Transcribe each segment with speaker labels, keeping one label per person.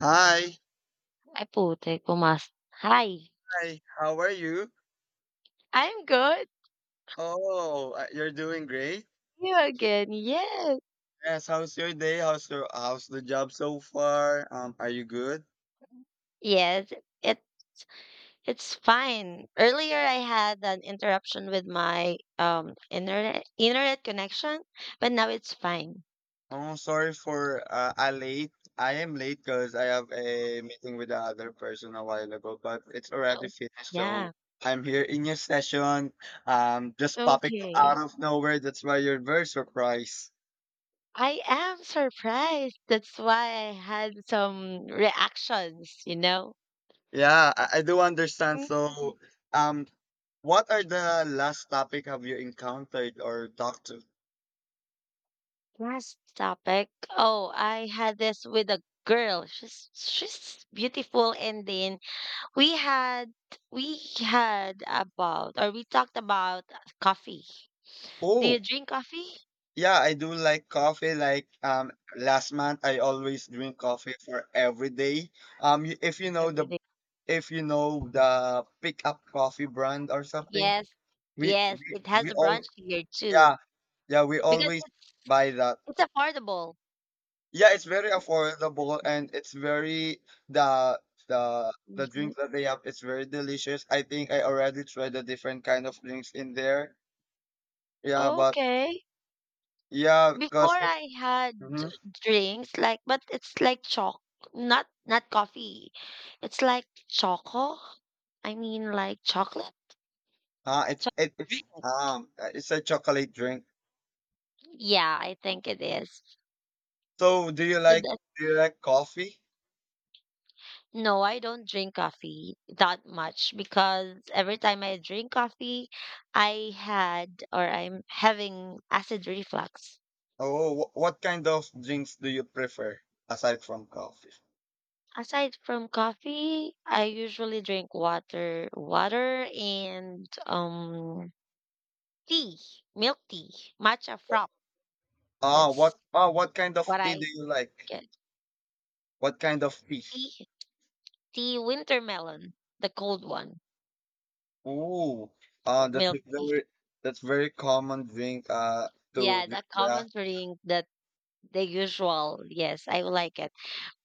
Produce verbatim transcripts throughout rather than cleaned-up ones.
Speaker 1: Hi.
Speaker 2: Ay, putik, pumas hi!
Speaker 1: Hi. How are you?
Speaker 2: I'm good.
Speaker 1: Oh, uh, you're doing great.
Speaker 2: You again. Yes.
Speaker 1: Yes. How's your day? How's your how's the job so far? Um, are you good?
Speaker 2: Yes, it it's fine. Earlier, I had an interruption with my, um, internet internet connection, but now it's fine.
Speaker 1: Oh, sorry for uh, I late. I am late because I have a meeting with the other person a while ago, but it's already
Speaker 2: So,
Speaker 1: finished.
Speaker 2: yeah.
Speaker 1: So I'm here in your session. Um, just popping
Speaker 2: Okay.
Speaker 1: out of nowhere. That's why you're very surprised.
Speaker 2: I am surprised. That's why I had some reactions, you know?
Speaker 1: Yeah, I, I do understand.
Speaker 2: Mhm.
Speaker 1: So, um, what are the last topic have you encountered or talked to?
Speaker 2: Last topic. Oh, I had this with a girl. She's she's beautiful, and then We had we had about, or we talked about coffee. Do you
Speaker 1: Oh,
Speaker 2: drink coffee
Speaker 1: yeah, I do like coffee. Like um last month I always drink coffee for every day. Um y- if you know
Speaker 2: every
Speaker 1: the
Speaker 2: day?
Speaker 1: if you know the pick up coffee brand or something,
Speaker 2: Yes,
Speaker 1: we
Speaker 2: yes.
Speaker 1: we,
Speaker 2: It has
Speaker 1: we
Speaker 2: a
Speaker 1: all
Speaker 2: brunch here too
Speaker 1: yeah, yeah, we
Speaker 2: because
Speaker 1: always
Speaker 2: it's
Speaker 1: buy that.
Speaker 2: it's affordable.
Speaker 1: Yeah, it's very affordable and it's very the the the
Speaker 2: Mhm.
Speaker 1: drinks that they have it's very delicious. I think I already tried the different kind of drinks in there. Yeah, but
Speaker 2: Okay.
Speaker 1: yeah,
Speaker 2: Before
Speaker 1: because
Speaker 2: I had drinks like, but it's like choc, not not coffee. It's like choco. I mean, like chocolate.
Speaker 1: ah, it's
Speaker 2: Chocolate
Speaker 1: it, it's
Speaker 2: drink.
Speaker 1: um uh, it's a chocolate drink.
Speaker 2: Yeah, I think it is.
Speaker 1: So do you
Speaker 2: So
Speaker 1: like
Speaker 2: that
Speaker 1: do you like coffee?
Speaker 2: No, I don't drink coffee that much because every time I drink coffee, I had, or I'm having, acid reflux.
Speaker 1: Oh, wh- what kind of drinks do you prefer aside from coffee?
Speaker 2: Aside from coffee, I usually drink water, water and um tea, milk tea, matcha frap.
Speaker 1: Ah,
Speaker 2: That's
Speaker 1: what ah what kind of
Speaker 2: what
Speaker 1: tea
Speaker 2: I
Speaker 1: do you like?
Speaker 2: get.
Speaker 1: What kind of tea?
Speaker 2: Tea, tea, winter melon, the cold one,
Speaker 1: Ooh,
Speaker 2: oh,
Speaker 1: uh, that's a
Speaker 2: milk tea.
Speaker 1: very that's very common drink. Uh, to
Speaker 2: Yeah,
Speaker 1: drink,
Speaker 2: the
Speaker 1: yeah.
Speaker 2: common drink, that the usual. Yes, I like it.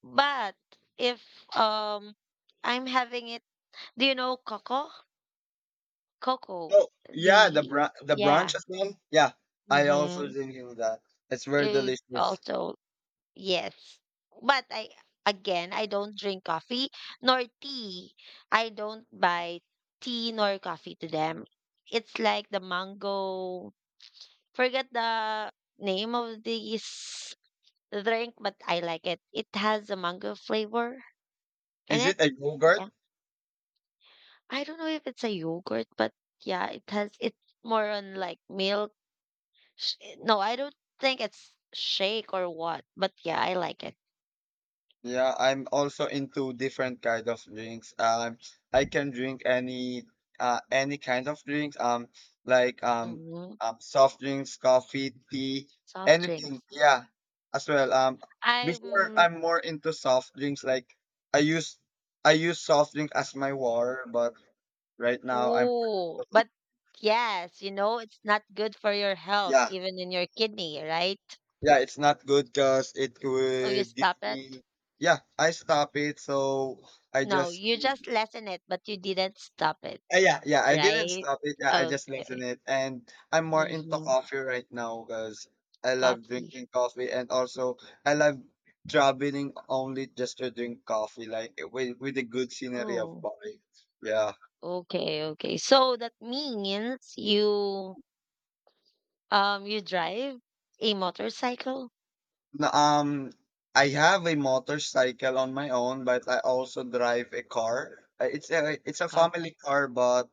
Speaker 2: But if um I'm having it, do you know cocoa? Cocoa,
Speaker 1: Oh, yeah, the
Speaker 2: the
Speaker 1: bran the
Speaker 2: yeah.
Speaker 1: branches one. Yeah, I also
Speaker 2: Mm-hmm.
Speaker 1: drinking that. It's very
Speaker 2: You
Speaker 1: delicious.
Speaker 2: also yes. But, I again, I don't drink coffee nor tea. I don't buy tea nor coffee to them. It's like the mango. Forget the name of this drink, but I like it. It has a mango flavor in
Speaker 1: Is
Speaker 2: it.
Speaker 1: it a yogurt?
Speaker 2: Yeah. I don't know if it's a yogurt, but yeah, it has it's more on like milk. Sh eh, no, I don't think it's shake or what, but yeah, I like it.
Speaker 1: Yeah, I'm also into different kind of drinks. Um, I can drink any uh any kind of drinks. Um, like um,
Speaker 2: Mhm.
Speaker 1: um soft drinks, coffee, tea,
Speaker 2: Soft
Speaker 1: anything.
Speaker 2: drinks.
Speaker 1: Yeah, as well. Um, before
Speaker 2: I'm
Speaker 1: I'm more into soft drinks. Like I use I use soft drink as my water, but right now I'm
Speaker 2: Ooh, but yes, you know, it's not good for your health,
Speaker 1: yeah
Speaker 2: even in your kidney, right?
Speaker 1: yeah it's not good because it
Speaker 2: So you
Speaker 1: would give
Speaker 2: stop it?
Speaker 1: me yeah I stop it so I
Speaker 2: No,
Speaker 1: just
Speaker 2: you just lessen it, but you didn't stop it,
Speaker 1: Uh, yeah, yeah, I didn't
Speaker 2: right?
Speaker 1: stop it. Yeah, I just
Speaker 2: Okay.
Speaker 1: lengthened it, and I'm more into
Speaker 2: Mm-hmm.
Speaker 1: coffee right now because I love
Speaker 2: Coffee.
Speaker 1: drinking coffee, and also I love traveling only just to drink coffee, like with with the good scenery of
Speaker 2: Oh.
Speaker 1: Bali. Yeah.
Speaker 2: Okay, okay. So that means you um you drive a motorcycle?
Speaker 1: N- Um, I have a motorcycle on my own, but I also drive a car. Uh, It's a it's a
Speaker 2: Car.
Speaker 1: family car, but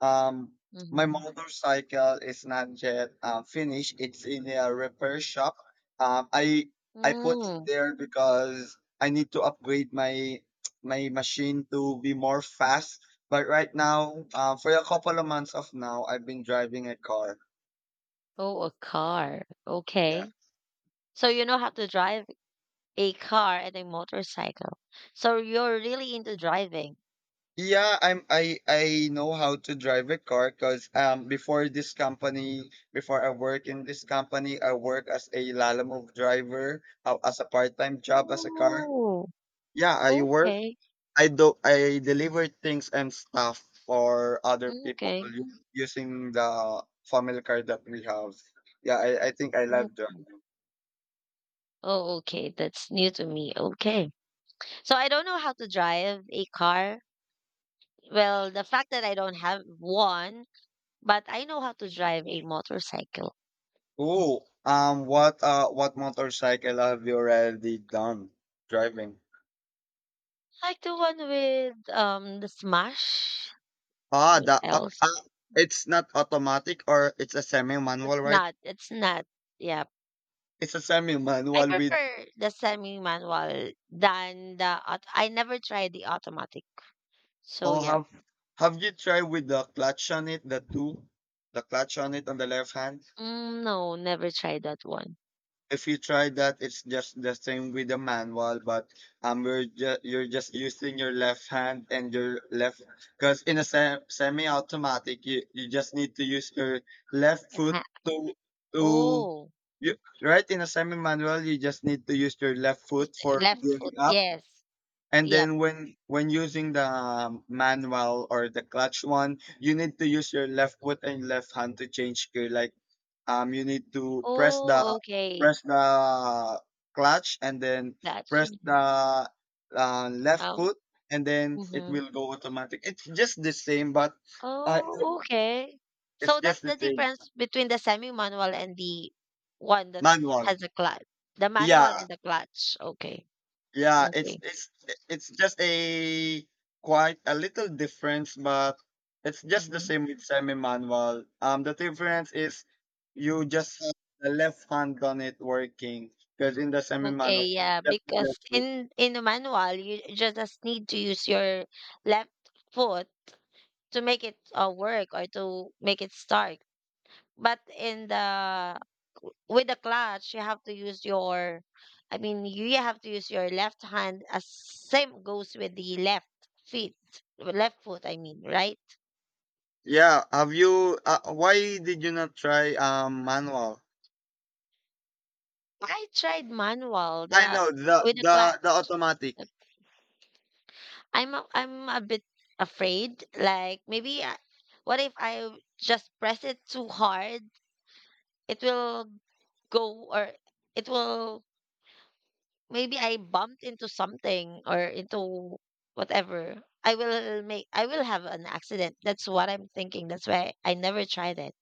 Speaker 1: um, my
Speaker 2: Mm-hmm.
Speaker 1: motorcycle is not yet uh, finished. It's in a repair shop. Um, I I put it
Speaker 2: Mm.
Speaker 1: there because I need to upgrade my my machine to be more fast. But right now, uh, for a couple of months of now, I've been driving a car.
Speaker 2: Oh, a car.
Speaker 1: Yeah.
Speaker 2: Okay. So you know how to drive a car and a motorcycle. So you're really into driving.
Speaker 1: Yeah, I'm I I know how to drive a car because um before this company, before I work in this company, I work as a lalamove driver, uh, as a part-time job as a car.
Speaker 2: Oh,
Speaker 1: Yeah, I work.
Speaker 2: okay.
Speaker 1: I do I deliver things and stuff for other people
Speaker 2: Okay.
Speaker 1: u- using the family car that we have. Yeah, I, I think I love that.
Speaker 2: Okay. Oh, okay. That's new to me. Okay. So I don't know how to drive a car. Well, the fact that I don't have one. But I know how to drive a motorcycle.
Speaker 1: Ooh, um, what uh what motorcycle have you already done driving?
Speaker 2: Like the one with um the Smash.
Speaker 1: Ah,
Speaker 2: What
Speaker 1: the uh,
Speaker 2: else?
Speaker 1: uh, It's not automatic or it's a
Speaker 2: It's
Speaker 1: semi-manual, right?
Speaker 2: not. It's not. Yeah.
Speaker 1: It's a
Speaker 2: I
Speaker 1: semi-manual with
Speaker 2: prefer the semi-manual than the auto. I never tried the automatic. So
Speaker 1: oh
Speaker 2: yeah.
Speaker 1: have have you tried with the clutch on it, the two, the clutch on it on the left hand?
Speaker 2: Mm, no, never tried that one.
Speaker 1: If you try that, it's just the same with the manual, but um, we're ju- you're just using your left hand and your left because in a se- semi-automatic, you, you just need to use your left foot
Speaker 2: Yeah.
Speaker 1: to to
Speaker 2: Oh,
Speaker 1: you, right in a semi-manual, you just need to use your left
Speaker 2: is
Speaker 1: foot
Speaker 2: the
Speaker 1: for
Speaker 2: left
Speaker 1: gearing
Speaker 2: foot.
Speaker 1: up.
Speaker 2: Yes.
Speaker 1: And
Speaker 2: Yep.
Speaker 1: then when when using the um, manual or the clutch one, you need to use your left foot and left hand to change gear. Like um you need to press
Speaker 2: Oh,
Speaker 1: the
Speaker 2: okay.
Speaker 1: press the clutch and then
Speaker 2: That's
Speaker 1: press
Speaker 2: Mm-hmm.
Speaker 1: the uh, left
Speaker 2: um.
Speaker 1: foot and then it
Speaker 2: Mhm.
Speaker 1: will go automatic. It's just the same but I
Speaker 2: Oh, okay.
Speaker 1: it's
Speaker 2: So that's
Speaker 1: just the
Speaker 2: the
Speaker 1: same
Speaker 2: difference between the semi-manual and the one that
Speaker 1: manual.
Speaker 2: has a clutch. The manual
Speaker 1: yeah
Speaker 2: and the clutch. Okay.
Speaker 1: yeah it's
Speaker 2: Okay.
Speaker 1: it's it's just a quite a little difference but it's just the
Speaker 2: Mhm.
Speaker 1: same with semi manual. Um the difference is you just have the left hand on it working because in the semi
Speaker 2: Okay,
Speaker 1: manual it's
Speaker 2: yeah,
Speaker 1: just the
Speaker 2: because
Speaker 1: left foot.
Speaker 2: in in the manual you just just need to use your left foot to make it uh, work, or to make it start. But in the with the clutch, you have to use your I mean, you have to use your left hand, as same goes with the left feet, left foot, I mean, right?
Speaker 1: Yeah, have you uh, why did you not try um manual?
Speaker 2: I tried manual,
Speaker 1: I
Speaker 2: the
Speaker 1: know the
Speaker 2: with the
Speaker 1: the the
Speaker 2: clutch.
Speaker 1: automatic.
Speaker 2: I'm a, I'm a bit afraid. Like maybe, I, what if I just press it too hard? It will go or it will Maybe I bumped into something, or into whatever. I will make I will have an accident. That's what I'm thinking. That's why I never tried it.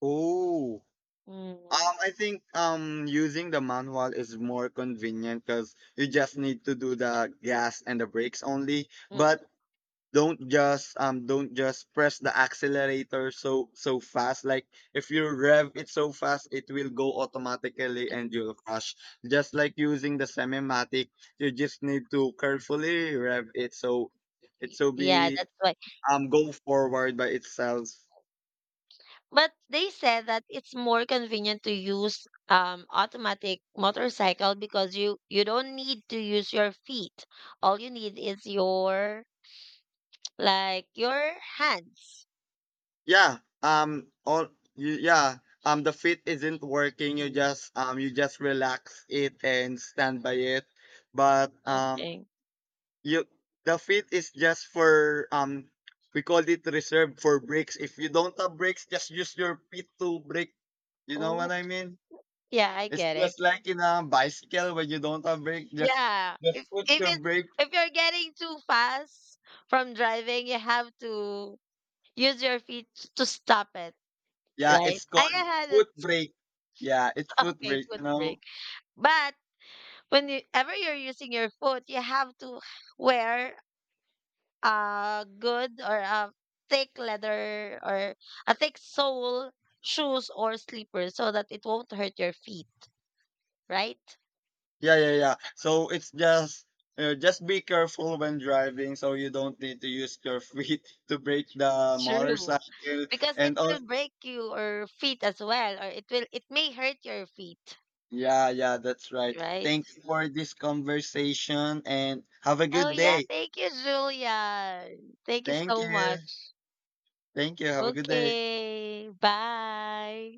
Speaker 1: Oh.
Speaker 2: Mm,
Speaker 1: Um I think um using the manual is more convenient cuz you just need to do the gas and the brakes only.
Speaker 2: mm,
Speaker 1: But don't just um don't just press the accelerator so so fast. Like if you rev it so fast it will go automatically and you'll crash, just like using the semi-matic. You just need to carefully rev it so it
Speaker 2: y-
Speaker 1: so
Speaker 2: Yeah,
Speaker 1: be
Speaker 2: that's why.
Speaker 1: um go forward by itself.
Speaker 2: But they said that it's more convenient to use um automatic motorcycle, because you you don't need to use your feet. All you need is your like your hands.
Speaker 1: Yeah um all you, yeah um the fit isn't working, you
Speaker 2: Mm,
Speaker 1: just um you just relax it and stand by it but um
Speaker 2: okay.
Speaker 1: you the feet is just for um we call it reserved for brakes. If you don't have brakes, just use your feet to brake. You know what
Speaker 2: Oh,
Speaker 1: I mean?
Speaker 2: yeah, I
Speaker 1: It's
Speaker 2: get it.
Speaker 1: just like in a bicycle when you don't have brake, just
Speaker 2: Yeah.
Speaker 1: just
Speaker 2: If
Speaker 1: put
Speaker 2: if
Speaker 1: your
Speaker 2: it's
Speaker 1: brake.
Speaker 2: if you're getting too fast from driving, you have to use your feet to stop it,
Speaker 1: Yeah,
Speaker 2: right?
Speaker 1: it's
Speaker 2: I
Speaker 1: called
Speaker 2: had a
Speaker 1: foot brake. Yeah, it's foot
Speaker 2: Okay,
Speaker 1: brake.
Speaker 2: foot
Speaker 1: You know?
Speaker 2: brake, but whenever you're using your foot, you have to wear a good, or a thick leather, or a thick sole shoes or slippers, so that it won't hurt your feet, right?
Speaker 1: Yeah, yeah, yeah. So it's just uh, just be careful when driving, so you don't need to use your feet to brake the
Speaker 2: True.
Speaker 1: motorcycle.
Speaker 2: Because it
Speaker 1: And
Speaker 2: will
Speaker 1: also
Speaker 2: break you or feet as well, or it will it may hurt your feet,
Speaker 1: yeah, yeah, that's right.
Speaker 2: right?
Speaker 1: Thank you for this conversation and have a
Speaker 2: Oh
Speaker 1: good
Speaker 2: yeah,
Speaker 1: day.
Speaker 2: thank you, Julia. Thank you
Speaker 1: Thank
Speaker 2: so
Speaker 1: you.
Speaker 2: much.
Speaker 1: Thank you. Have a good day.
Speaker 2: Okay. Bye.